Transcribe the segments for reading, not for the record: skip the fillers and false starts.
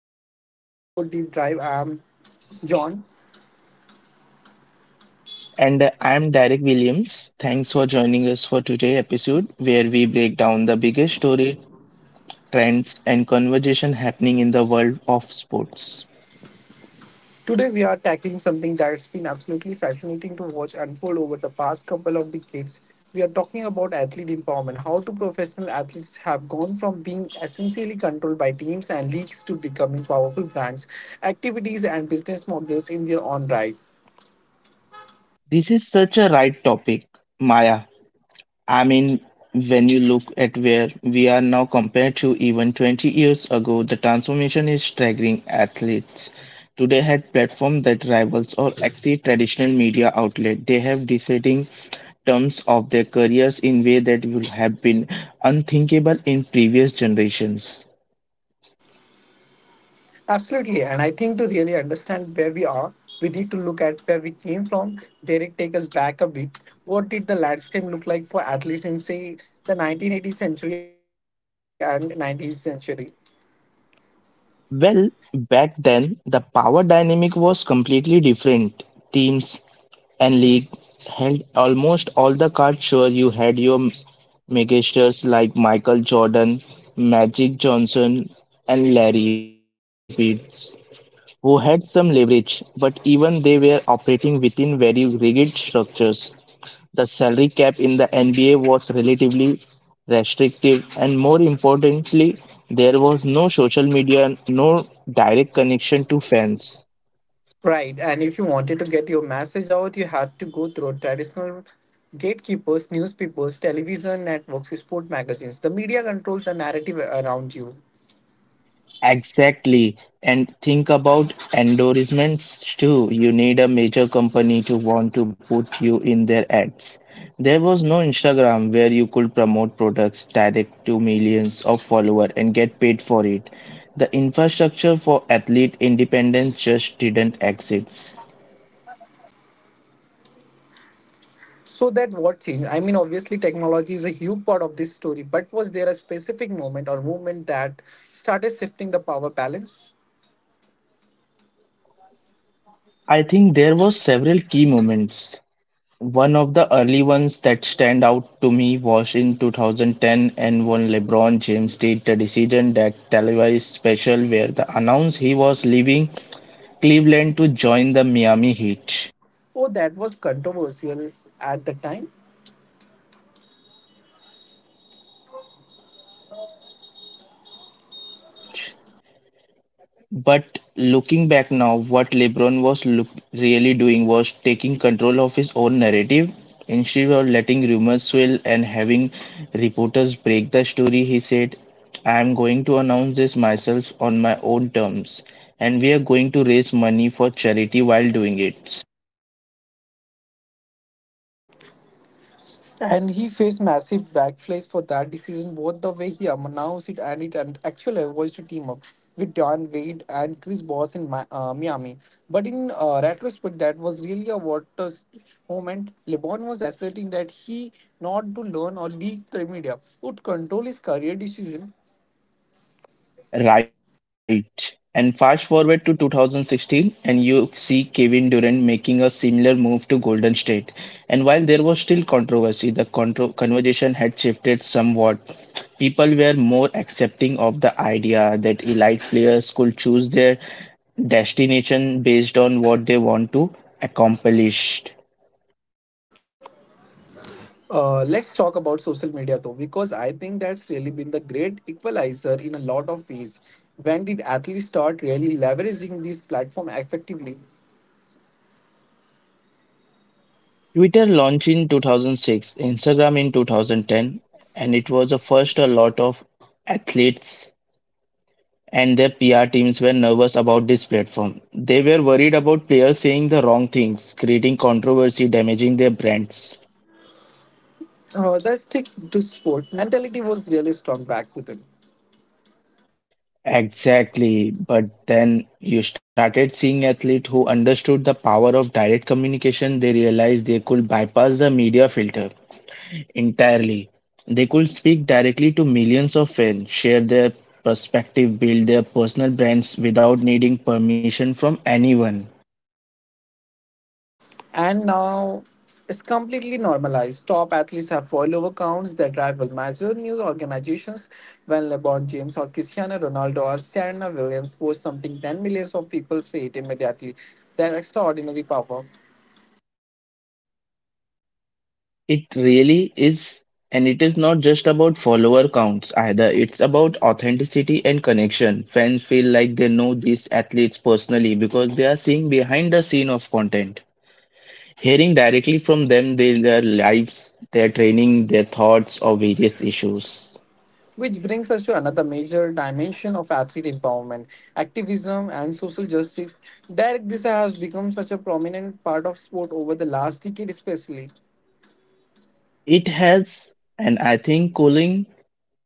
welcome back to the Sport Deep Drive. I'm John. And I'm Derek Williams. Thanks for joining us for today's episode, where we break down the biggest story, trends, and conversation happening in the world of sports. Today we are tackling something that's been absolutely fascinating to watch unfold over the past couple of decades. We are talking about athlete empowerment, how two professional athletes have gone from being essentially controlled by teams and leagues to becoming powerful brands, activities, and business models in their own right. This is such a right topic, Maya. I mean, when you look at where we are now compared to even 20 years ago, the transformation is staggering. Athletes today had platforms that rivals or exceed traditional media outlets. They have deciding terms of their careers in way that would have been unthinkable in previous generations. Absolutely. And I think to really understand where we are, we need to look at where we came from. Derek, take us back a bit. What did the landscape look like for athletes in, say, the 1980s century and 19th century? Well, back then the power dynamic was completely different. Teams and league held almost all the cards, sure you had your megastars like Michael Jordan, Magic Johnson and Larry Bird who had some leverage but even they were operating within very rigid structures. The salary cap in the NBA was relatively restrictive and more importantly there was no social media, no direct connection to fans. Right. And if you wanted to get your message out, you had to go through traditional gatekeepers, newspapers, television networks, sport magazines. The media controls the narrative around you. Exactly. And think about endorsements too. You need a major company to want to put you in their ads. There was no Instagram where you could promote products direct to millions of followers and get paid for it. The infrastructure for athlete independence just didn't exist. So that what changed? I mean, obviously, technology is a huge part of this story, but was there a specific moment or movement that started shifting the power balance? I think there was several key moments. One of the early ones that stand out to me was in 2010 and when LeBron James did the Decision, that televised special where the announced he was leaving Cleveland to join the Miami Heat. Oh, that was controversial at the time. But looking back now, what LeBron was really doing was taking control of his own narrative. Instead of letting rumors swirl and having reporters break the story, he said, I am going to announce this myself on my own terms, and we are going to raise money for charity while doing it. And he faced massive backflash for that decision, both the way he announced it and it and actually was to team up with Don Wade and Chris Bosh in Miami. But in retrospect, that was really a water moment. LeBron was asserting that he, not to learn or leak the media, would control his career decision. Right. And fast forward to 2016, and you see Kevin Durant making a similar move to Golden State. And while there was still controversy, the contro conversation had shifted somewhat. People were more accepting of the idea that elite players could choose their destination based on what they want to accomplish. Let's talk about social media though, because I think that's really been the great equalizer in a lot of ways. When did athletes start really leveraging this platform effectively? Twitter launched in 2006, Instagram in 2010, and it was a first a lot of athletes and their PR teams were nervous about this platform. They were worried about players saying the wrong things, creating controversy, damaging their brands. The stick to sport mentality was really strong back then, Exactly, but then you started seeing athletes who understood the power of direct communication. They realized they could bypass the media filter entirely. They could speak directly to millions of fans, share their perspective, build their personal brands without needing permission from anyone. and now it's completely normalized. Top athletes have follower counts that rival major news organizations. When LeBron James or Cristiano Ronaldo or Serena Williams post something, ten millions of people see it immediately. Their extraordinary power. It really is, and it is not just about follower counts either. It's about authenticity and connection. Fans feel like they know these athletes personally because they are seeing behind the scene of content, hearing directly from them their lives, their training, their thoughts, or various issues. Which brings us to another major dimension of athlete empowerment, activism, and social justice. Direct this has become such a prominent part of sport over the last decade, especially. It has, and I think calling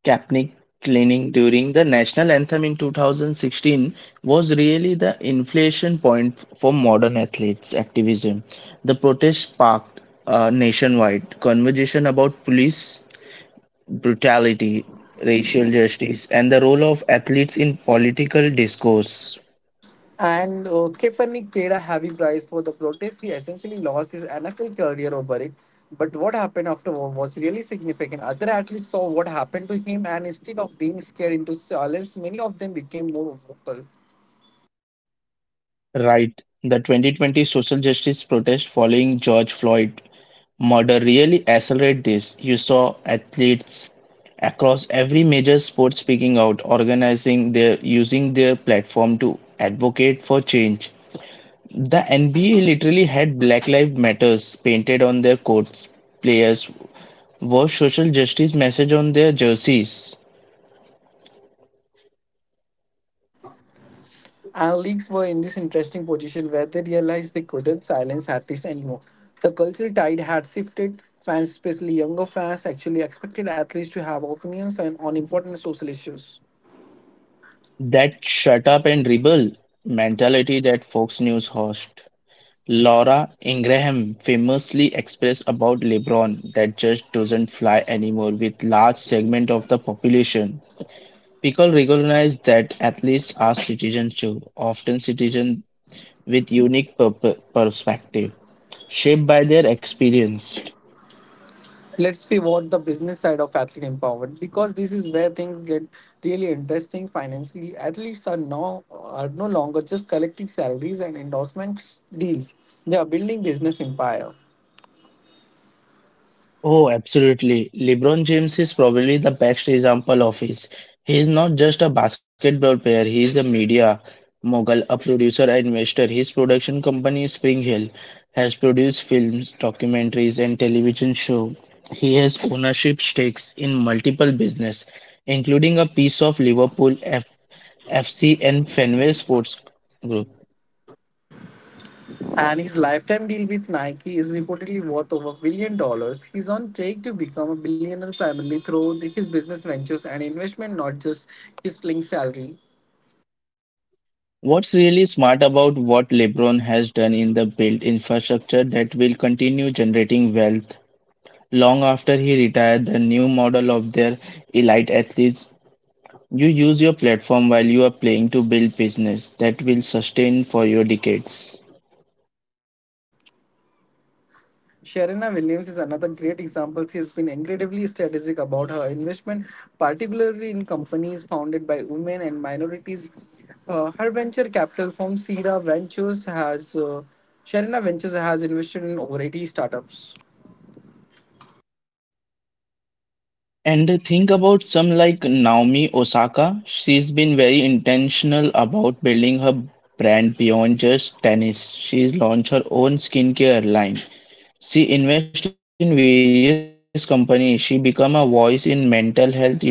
Kaepernick cleaning during the national anthem in 2016 was really the inflection point for modern athletes activism. The protest sparked a nationwide conversation about police brutality, racial justice, and the role of athletes in political discourse. And Kaepernick paid a heavy price for the protest. He essentially lost his NFL career over it. But what happened after was really significant. Other athletes saw what happened to him, and instead of being scared into silence, many of them became more vocal. Right. The 2020 social justice protest following George Floyd murder really accelerated this. You saw athletes across every major sport speaking out, organizing their using their platform to advocate for change. The NBA literally had Black Lives Matters painted on their courts. Players wore social justice message on their jerseys. And leagues were in this interesting position where they realized they couldn't silence athletes anymore. The cultural tide had shifted. Fans, especially younger fans, actually expected athletes to have opinions on important social issues. That shut up and rebel mentality that Fox News host Laura Ingraham famously expressed about Lebron, that just doesn't fly anymore with large segment of the population. People recognize that athletes are citizens too, often citizens with unique perspective, shaped by their experience. Let's pivot the business side of athlete empowerment because this is where things get really interesting financially. Athletes are now are no longer just collecting salaries and endorsement deals, they are building business empire. Oh, absolutely. LeBron James is probably the best example of this. He is not just a basketball player, he is a media mogul, a producer, and investor. His production company, Spring Hill, has produced films, documentaries, and television shows. He has ownership stakes in multiple business, including a piece of Liverpool F FC and Fenway Sports Group. And his lifetime deal with Nike is reportedly worth over $1 billion. He's on track to become a billionaire primarily through his business ventures and investment, not just his playing salary. What's really smart about what LeBron has done in the built infrastructure that will continue generating wealth long after he retired the new model of their elite athletes. You use your platform while you are playing to build business that will sustain for your decades. Serena Williams is another great example. She has been incredibly strategic about her investment, particularly in companies founded by women and minorities. Her venture capital firm Sierra Ventures has Serena Ventures has invested in over 80 startups. And think about some like Naomi Osaka. She's been very intentional about building her brand beyond just tennis. She's launched her own skincare line. She invests in various companies. She become a voice in mental health issue in sports.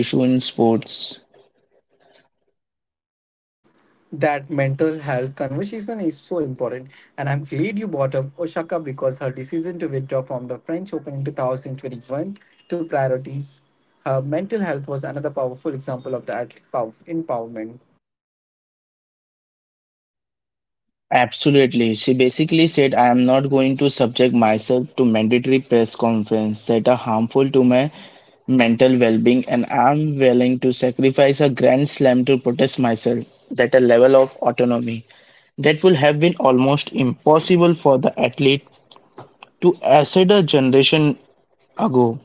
That mental health conversation is so important, and I'm glad you brought up Osaka because her decision to withdraw from the French Open in 2021 to priorities her mental health was another powerful example of the empowerment. Absolutely. She basically said, I am not going to subject myself to mandatory press conference that are harmful to my mental well-being, and I'm willing to sacrifice a grand slam to protest myself, that a level of autonomy that would have been almost impossible for the athlete to assert a generation ago.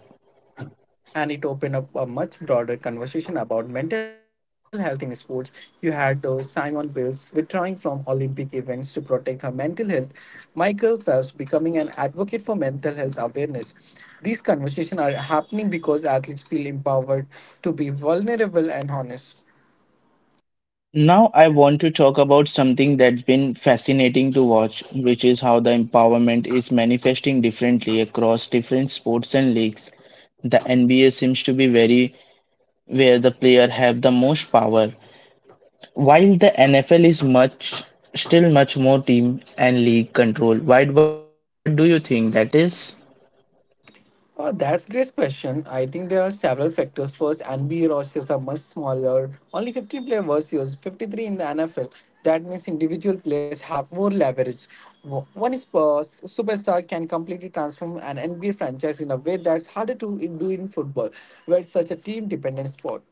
And it opened up a much broader conversation about mental health in sports. You had Simon Biles withdrawing from Olympic events to protect her mental health, Michael Phelps becoming an advocate for mental health awareness. These conversations are happening because athletes feel empowered to be vulnerable and honest. Now, I want to talk about something that's been fascinating to watch, which is how the empowerment is manifesting differently across different sports and leagues. The NBA seems to be very where the player have the most power, while the NFL is much still much more team and league control. Why? What do you think that is? That's great question. I think there are several factors. First, NBA rosters are much smaller. Only 15 player versus 53 in the NFL. That means individual players have more leverage. One is superstar can completely transform an NBA franchise in a way that's harder to do in football, where it's such a team-dependent sport.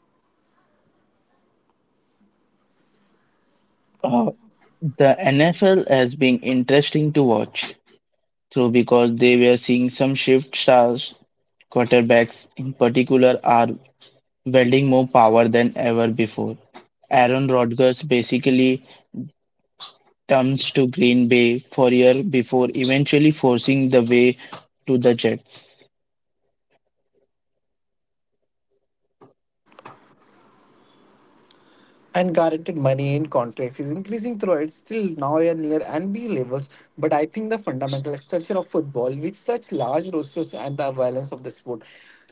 Uh, the NFL has been interesting to watch through because they were seeing some shift stars quarterbacks in particular are wielding more power than ever before. Aaron Rodgers basically turns to Green Bay for a year before eventually forcing the way to the Jets. And guaranteed money in contracts is increasing throughout. It's still now near NBA levels. But I think the fundamental structure of football with such large rosters and the violence of the sport.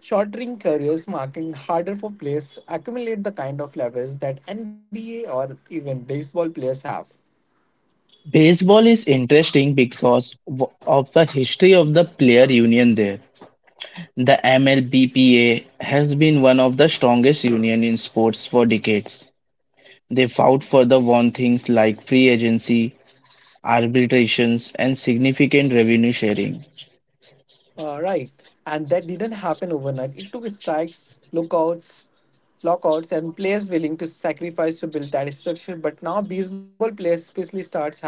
Shortening careers making harder for players accumulate the kind of levels that NBA or even baseball players have. Baseball is interesting because of the history of the player union there. The MLBPA has been one of the strongest unions in sports for decades. They fought for the one things like free agency, arbitrations, and significant revenue sharing. Right. And that didn't happen overnight. It took strikes, lookouts, lockouts, and players willing to sacrifice to build that structure. But now baseball players, especially stars, have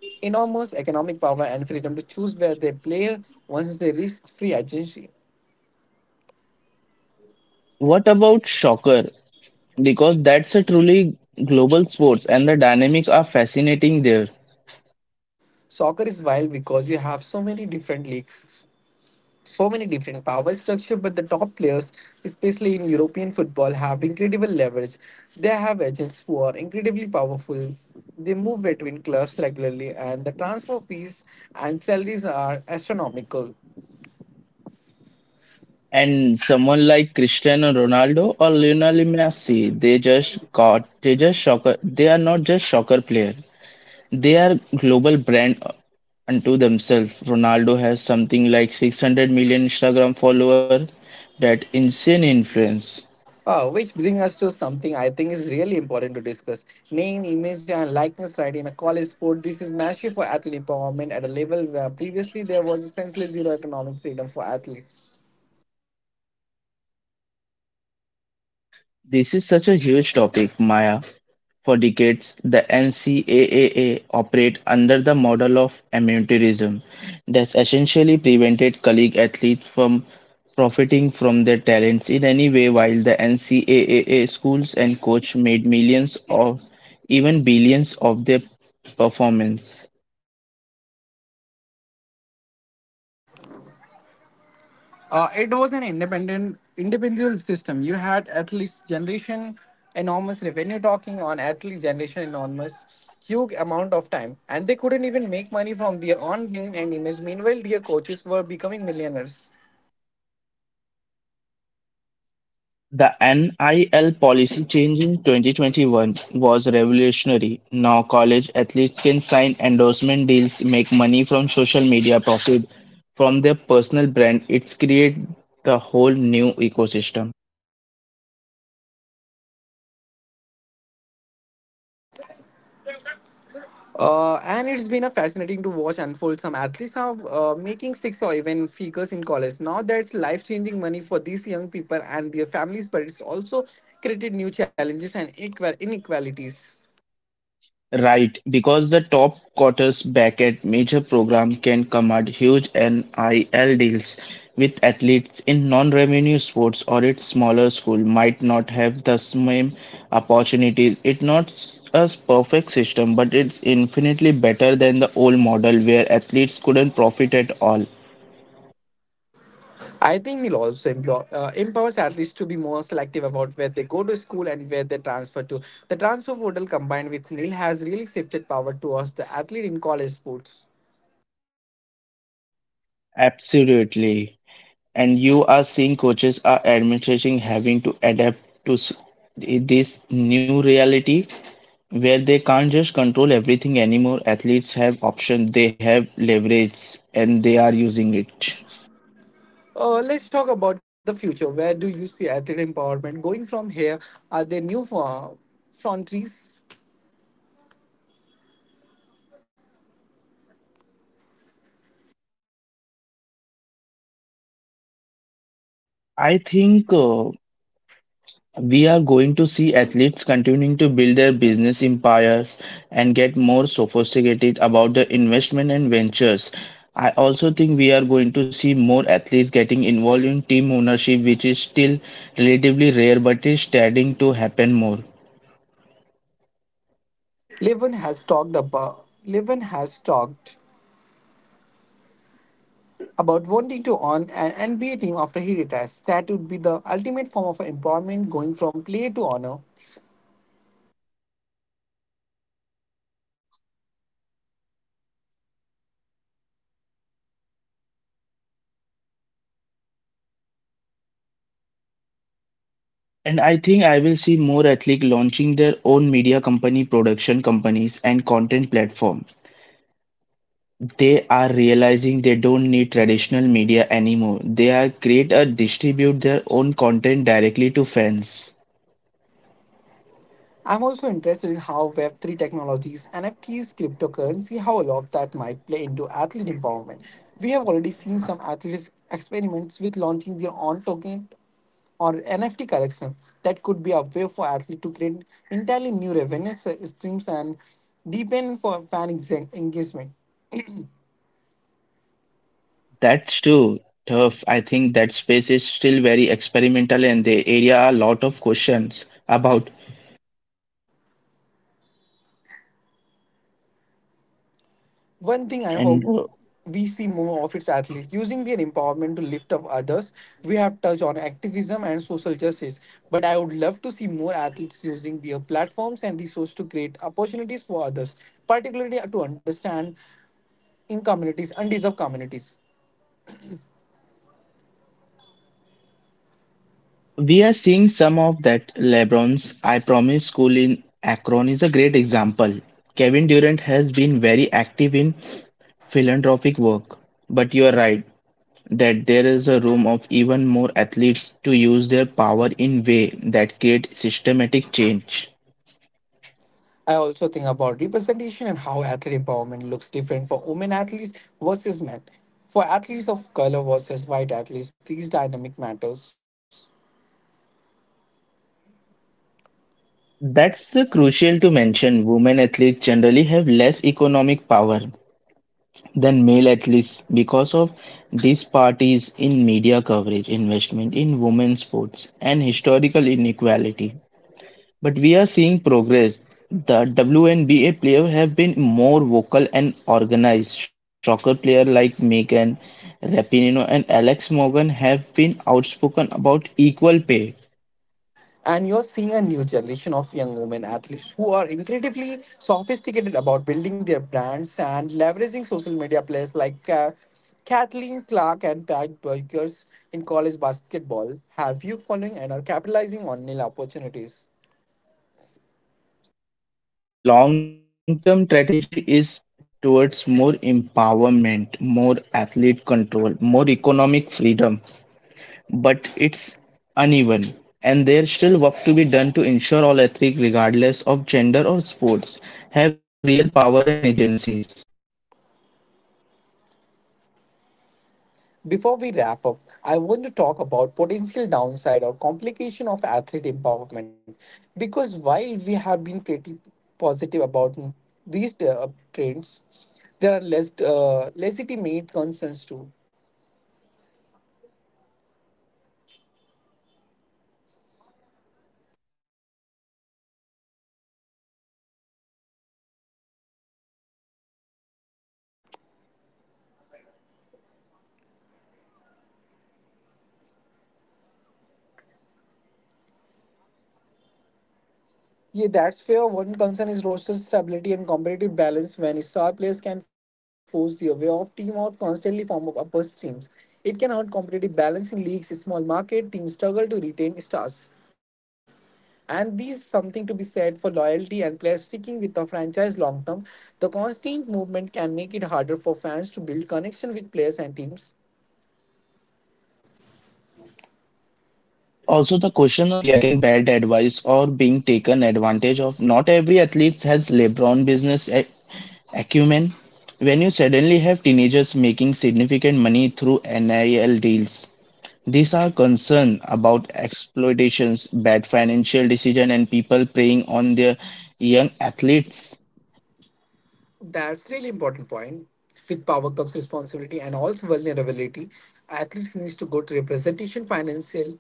enormous economic power and freedom to choose where they play once they reach free agency. What about soccer because that's a truly global sports and the dynamics are fascinating there. Soccer is wild because you have so many different leagues, so many different power structure, but the top players, especially in European football, have incredible leverage. They have agents who are incredibly powerful, they move between clubs regularly, and the transfer fees and salaries are astronomical. And someone like Cristiano Ronaldo or Lionel Messi, they just got they just soccer they are not just soccer player. They are global brand unto themselves. Ronaldo has something like 600 million Instagram follower, that insane influence. Which bring us to something I think is really important to discuss, name image and likeness right in a college sport. This is massive for athlete empowerment at a level where previously there was essentially zero economic freedom for athletes. This is such a huge topic, Maya. For decades, the NCAA operated under the model of amateurism that essentially prevented collegiate athletes from profiting from their talents in any way while the NCAA schools and coach made millions or even billions of their performance. It was an independent, individual system. You had athletes generation enormous revenue talking on athlete generation enormous huge amount of time, and they couldn't even make money from their own name and image. Meanwhile, their coaches were becoming millionaires. The NIL policy change in 2021 was revolutionary. Now college athletes can sign endorsement deals, make money from social media, profit from their personal brand. It's create the whole new ecosystem. And it's been a fascinating to watch unfold. Some athletes are making six or even figures in college. Now that's life changing money for these young people and their families, but it's also created new challenges and equal inequalities. Right, because the top quarterback at major program can command huge NIL deals with athletes in non-revenue sports or its smaller school might not have the same opportunities. It's not a perfect system, but it's infinitely better than the old model where athletes couldn't profit at all. I think the law also empowers athletes to be more selective about where they go to school and where they transfer to. The transfer portal combined with NIL has really shifted power towards the athlete in college sports. Absolutely. And you are seeing coaches are administration having to adapt to this new reality where they can't just control everything anymore. Athletes have options, they have leverage, and they are using it. Let's talk about the future. Where do you see athlete empowerment going from here? Are there new frontiers? I think We are going to see athletes continuing to build their business empires and get more sophisticated about their investment and ventures. I also think we are going to see more athletes getting involved in team ownership, which is still relatively rare but is starting to happen more. Levin has talked about wanting to own an NBA team after he retires. That would be the ultimate form of empowerment, going from player to owner. And I think I will see more athletes launching their own media company, production companies, and content platform. They are realizing they don't need traditional media anymore. They are great at distribute their own content directly to fans. I'm also interested in how Web3 technologies, NFTs, cryptocurrency, how all of that might play into athlete empowerment. We have already seen some athletes experiments with launching their own token or NFT collection. That could be a way for athletes to create entirely new streams and deepen for engagement. That's true. Tough. I think that space is still very experimental and the area are a lot of questions about. One thing I And hope we see more of its athletes using their empowerment to lift up others. We have touched on activism and social justice, but I would love to see more athletes using their platforms and resources to create opportunities for others, particularly to understand in communities, undeserved communities. we are seeing some of that. LeBron's I Promise School in Akron is a great example. Kevin Durant has been very active in philanthropic work. But you are right, that there is a room of even more athletes to use their power in way that create systematic change. I also think about representation and how athlete empowerment looks different for women athletes versus men. For athletes of color versus white athletes, these dynamic matters. That's crucial to mention. Women athletes generally have less economic power than male athletes because of disparities in media coverage, investment in women's sports, and historical inequality. But we are seeing progress. The WNBA players have been more vocal and organized. Soccer players like Megan Rapinoe and Alex Morgan have been outspoken about equal pay. And you're seeing a new generation of young women athletes who are incredibly sophisticated about building their brands and leveraging social media players like Kathleen Clark and Pat Burgers in college basketball. Have you following and are capitalizing on NIL opportunities? The long-term strategy is towards more empowerment, more athlete control, more economic freedom, but it's uneven. And there's still work to be done to ensure all athletes, regardless of gender or sports, have real power and agencies. Before we wrap up, I want to talk about potential downside or complication of athlete empowerment because while we have been pretty positive about these trends, there are less legitimate concerns too. Yeah, that's fair. One concern is roster stability and competitive balance. When star player can force their way off teams constantly form super team, it can hurt competitive balance in leagues. Small market teams struggle to retain stars. Yeah, that's where one concern is roster stability and competitive balance when star players can force their way off team or constantly form up upper teams. It can hurt competitive balance in leagues, small market teams struggle to retain stars. And these something to be said for loyalty and players sticking with a franchise long term. The constant movement can make it harder for fans to build connection with players and teams. This is also the question of young athlete getting bad advice or being taken advantage of. Not every athlete has LeBron business acumen. When you suddenly have teenagers making significant money through NIL deals, these are concerned about exploitations, bad financial decision, and people preying on their young athletes. That's really important point. With Power Cup's responsibility and also vulnerability, athletes needs to go to representation, financial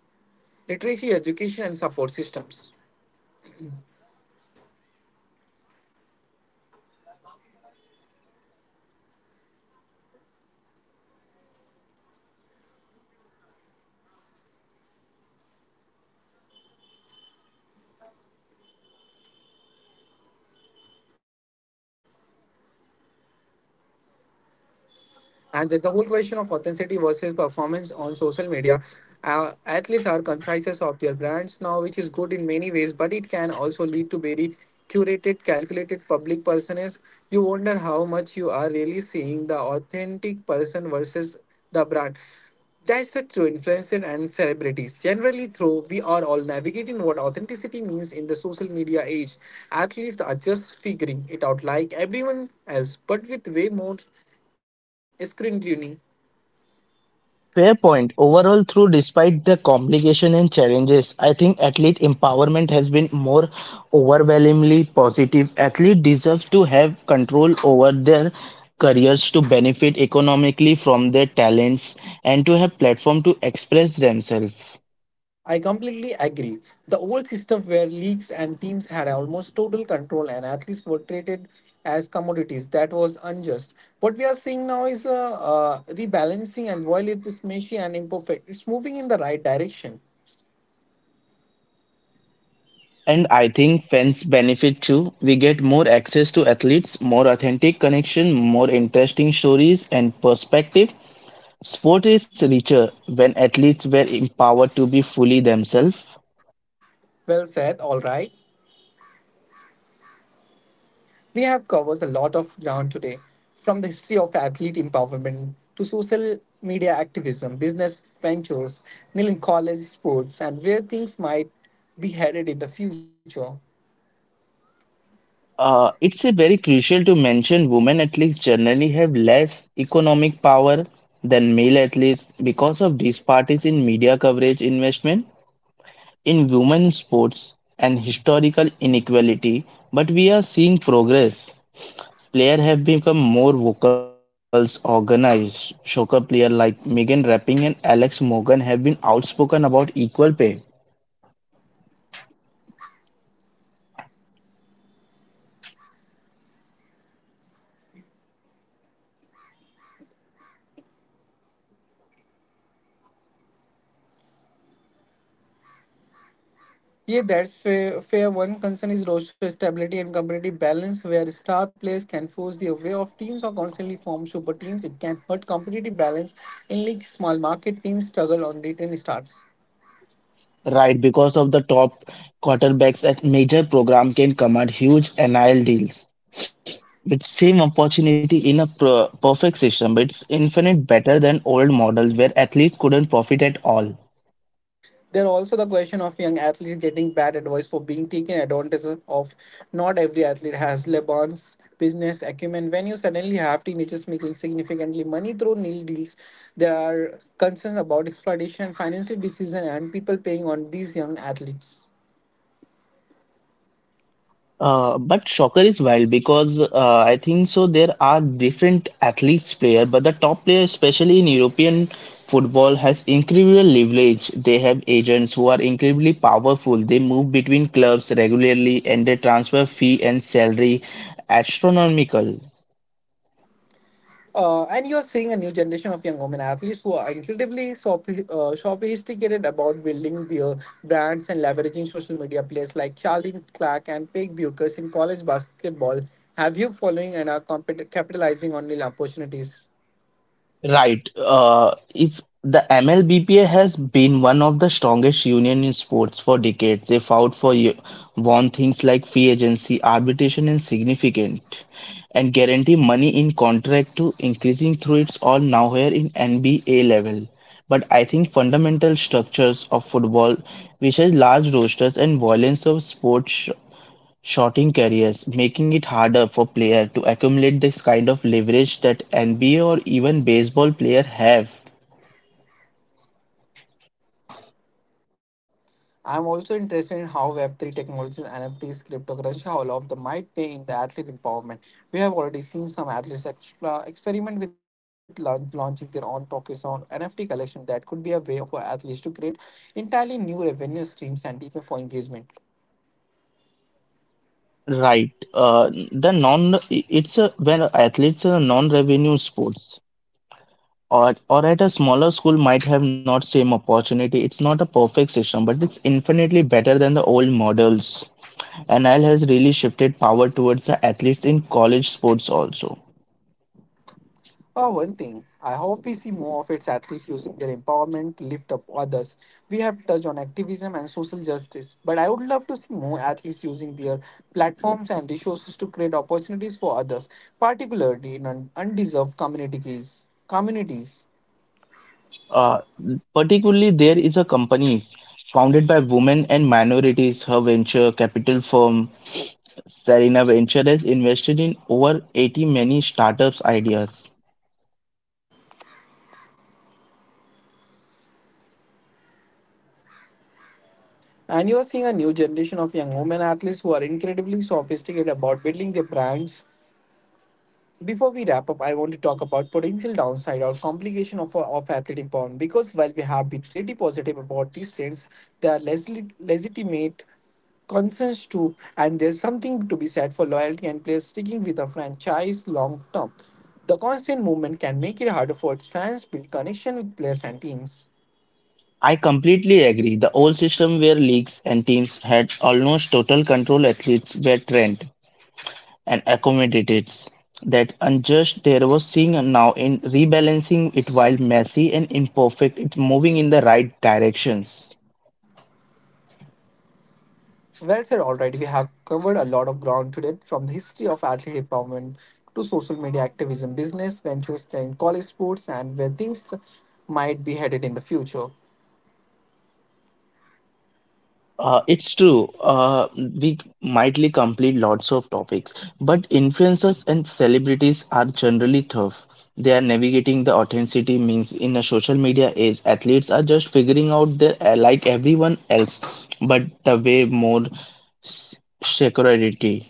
literacy, education, and support systems. And there's the whole question of authenticity versus performance on social media. Athletes are conscious of their brands now, which is good in many ways, but it can also lead to very curated, calculated public personas. You wonder how much you are really seeing the authentic person versus the brand. That's the true influencer and celebrities. Generally, through we are all navigating what authenticity means in the social media age. Athletes are just figuring it out like everyone else, but with way more scrutiny. Fair point. Overall, through despite the complication and challenges, I think athlete empowerment has been more overwhelmingly positive. Athlete deserves to have control over their careers to benefit economically from their talents and to have platform to express themselves. I completely agree. The old system where leagues and teams had almost total control and athletes were treated as commodities, that was unjust. What we are seeing now is a rebalancing, and while it is messy and imperfect, it's moving in the right direction. And I think fans benefit too. We get more access to athletes, more authentic connection, more interesting stories and perspective. Sport is richer when athletes were empowered to be fully themselves. Well said, all right. We have covered a lot of ground today, from the history of athlete empowerment to social media activism, business ventures, Nilin college sports, and where things might be headed in the future. It's a very crucial to mention women athletes generally have less economic power than male athletes because of disparities in media coverage investment in women's sports and historical inequality. But we are seeing progress. Players have become more vocal, organized. Soccer players like Megan Rapinoe and Alex Morgan have been outspoken about equal pay. Yeah, that's fair. One concern is roster stability and competitive balance, where star players can force the way of teams or constantly form super teams. It can hurt competitive balance in league. Small market teams struggle on return starts. Right, because of the top quarterbacks at major program can command huge NIL deals. With same opportunity in a perfect system, it's infinite better than old models where athletes couldn't profit at all. There are also the question of young athletes getting bad advice for being taken advantage of. Not every athlete has LeBron's business acumen. When you suddenly have teenagers making significantly money through NIL deals, there are concerns about exploitation, financial decision, and people paying on these young athletes. But soccer is wild because I think so there are different athletes player, but the top player, especially in European football, has incredible leverage. They have agents who are incredibly powerful. They move between clubs regularly, and their transfer fee and salary astronomical. And you're seeing a new generation of young women athletes who are incredibly sophisticated about building their brands and leveraging social media players like Charlene Clark and Paige Buchers in college basketball have huge following and are capitalizing on the opportunities. Right. If the MLBPA has been one of the strongest union in sports for decades, they fought for won things like free agency, arbitration, and significant, and guarantee money in contract to increasing through its all now here in NBA level. But I think fundamental structures of football, which has large rosters and violence of sports shorting careers, making it harder for player to accumulate this kind of leverage that NBA or even baseball player have. I'm also interested in how Web3 technologies, NFTs, cryptocurrency, how all of them might play in the athlete empowerment. We have already seen some athletes extra experiment with launching their own tokens on NFT collection. That could be a way for athletes to create entirely new revenue streams and deepen for engagement. Right. The non it's a when athletes are non-revenue sports or at a smaller school might have not same opportunity. It's not a perfect system, but it's infinitely better than the old models. NIL has really shifted power towards the athletes in college sports also. Oh, one thing. I hope we see more of its athletes using their empowerment to lift up others. We have touched on activism and social justice, but I would love to see more athletes using their platforms and resources to create opportunities for others, particularly in undeserved communities. Communities. Uh, particularly, there is a companies founded by women and minorities. Her venture capital firm, Serena Venture, has invested in over 80 many startups ideas. And you are seeing a new generation of young women athletes who are incredibly sophisticated about building their brands. Before we wrap up, I want to talk about potential downside or complication of athlete empowerment because while we have been really positive about these trends, there are less legitimate concerns too, and there's something to be said for loyalty and players sticking with a franchise long term. The constant movement can make it harder for its fans to build connection with players and teams. I completely agree. The old system where leagues and teams had almost total control, athletes were trained and accommodated. That unjust there was seeing and now in rebalancing it while messy and imperfect, it's moving in the right directions. Well said, all right. We have covered a lot of ground today from the history of athlete empowerment to social media activism, business ventures and college sports, and where things might be headed in the future. It's true. We mightly complete lots of topics, but influencers and celebrities are generally tough. They are navigating the authenticity means in a social media age, athletes are just figuring out their like everyone else, but the way more s- security.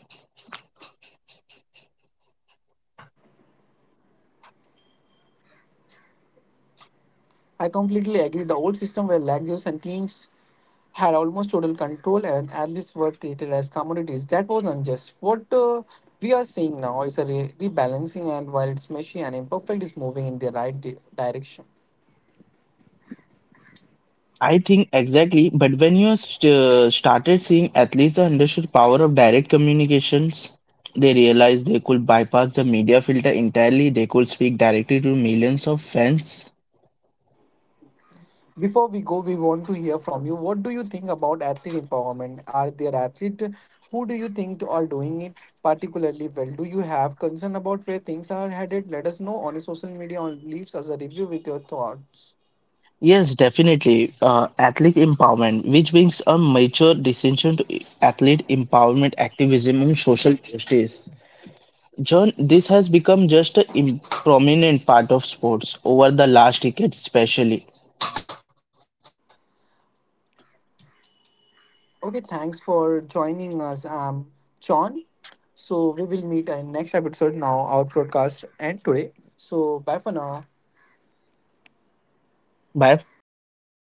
I completely agree. The old system where lagos and teams had almost total control and athletes were treated as commodities, that was unjust. What we are seeing now is a rebalancing, and while it's messy and imperfect, it's moving in the right direction. I think exactly, but when you st started seeing athletes that understood the power of direct communications, they realized they could bypass the media filter entirely. They could speak directly to millions of fans. Before we go, we want to hear from you. What do you think about athlete empowerment? Are there athletes who do you think are doing it particularly well? Do you have concern about where things are headed? Let us know on social media or leaves us a review with your thoughts. Yes, definitely. Athlete empowerment, which brings a major distinction to athlete empowerment activism and social justice. John, this has become just a prominent part of sports over the last decade, especially. Okay, thanks for joining us. John. So we will meet in next episode now, our podcast and today. So bye for now. Bye for now.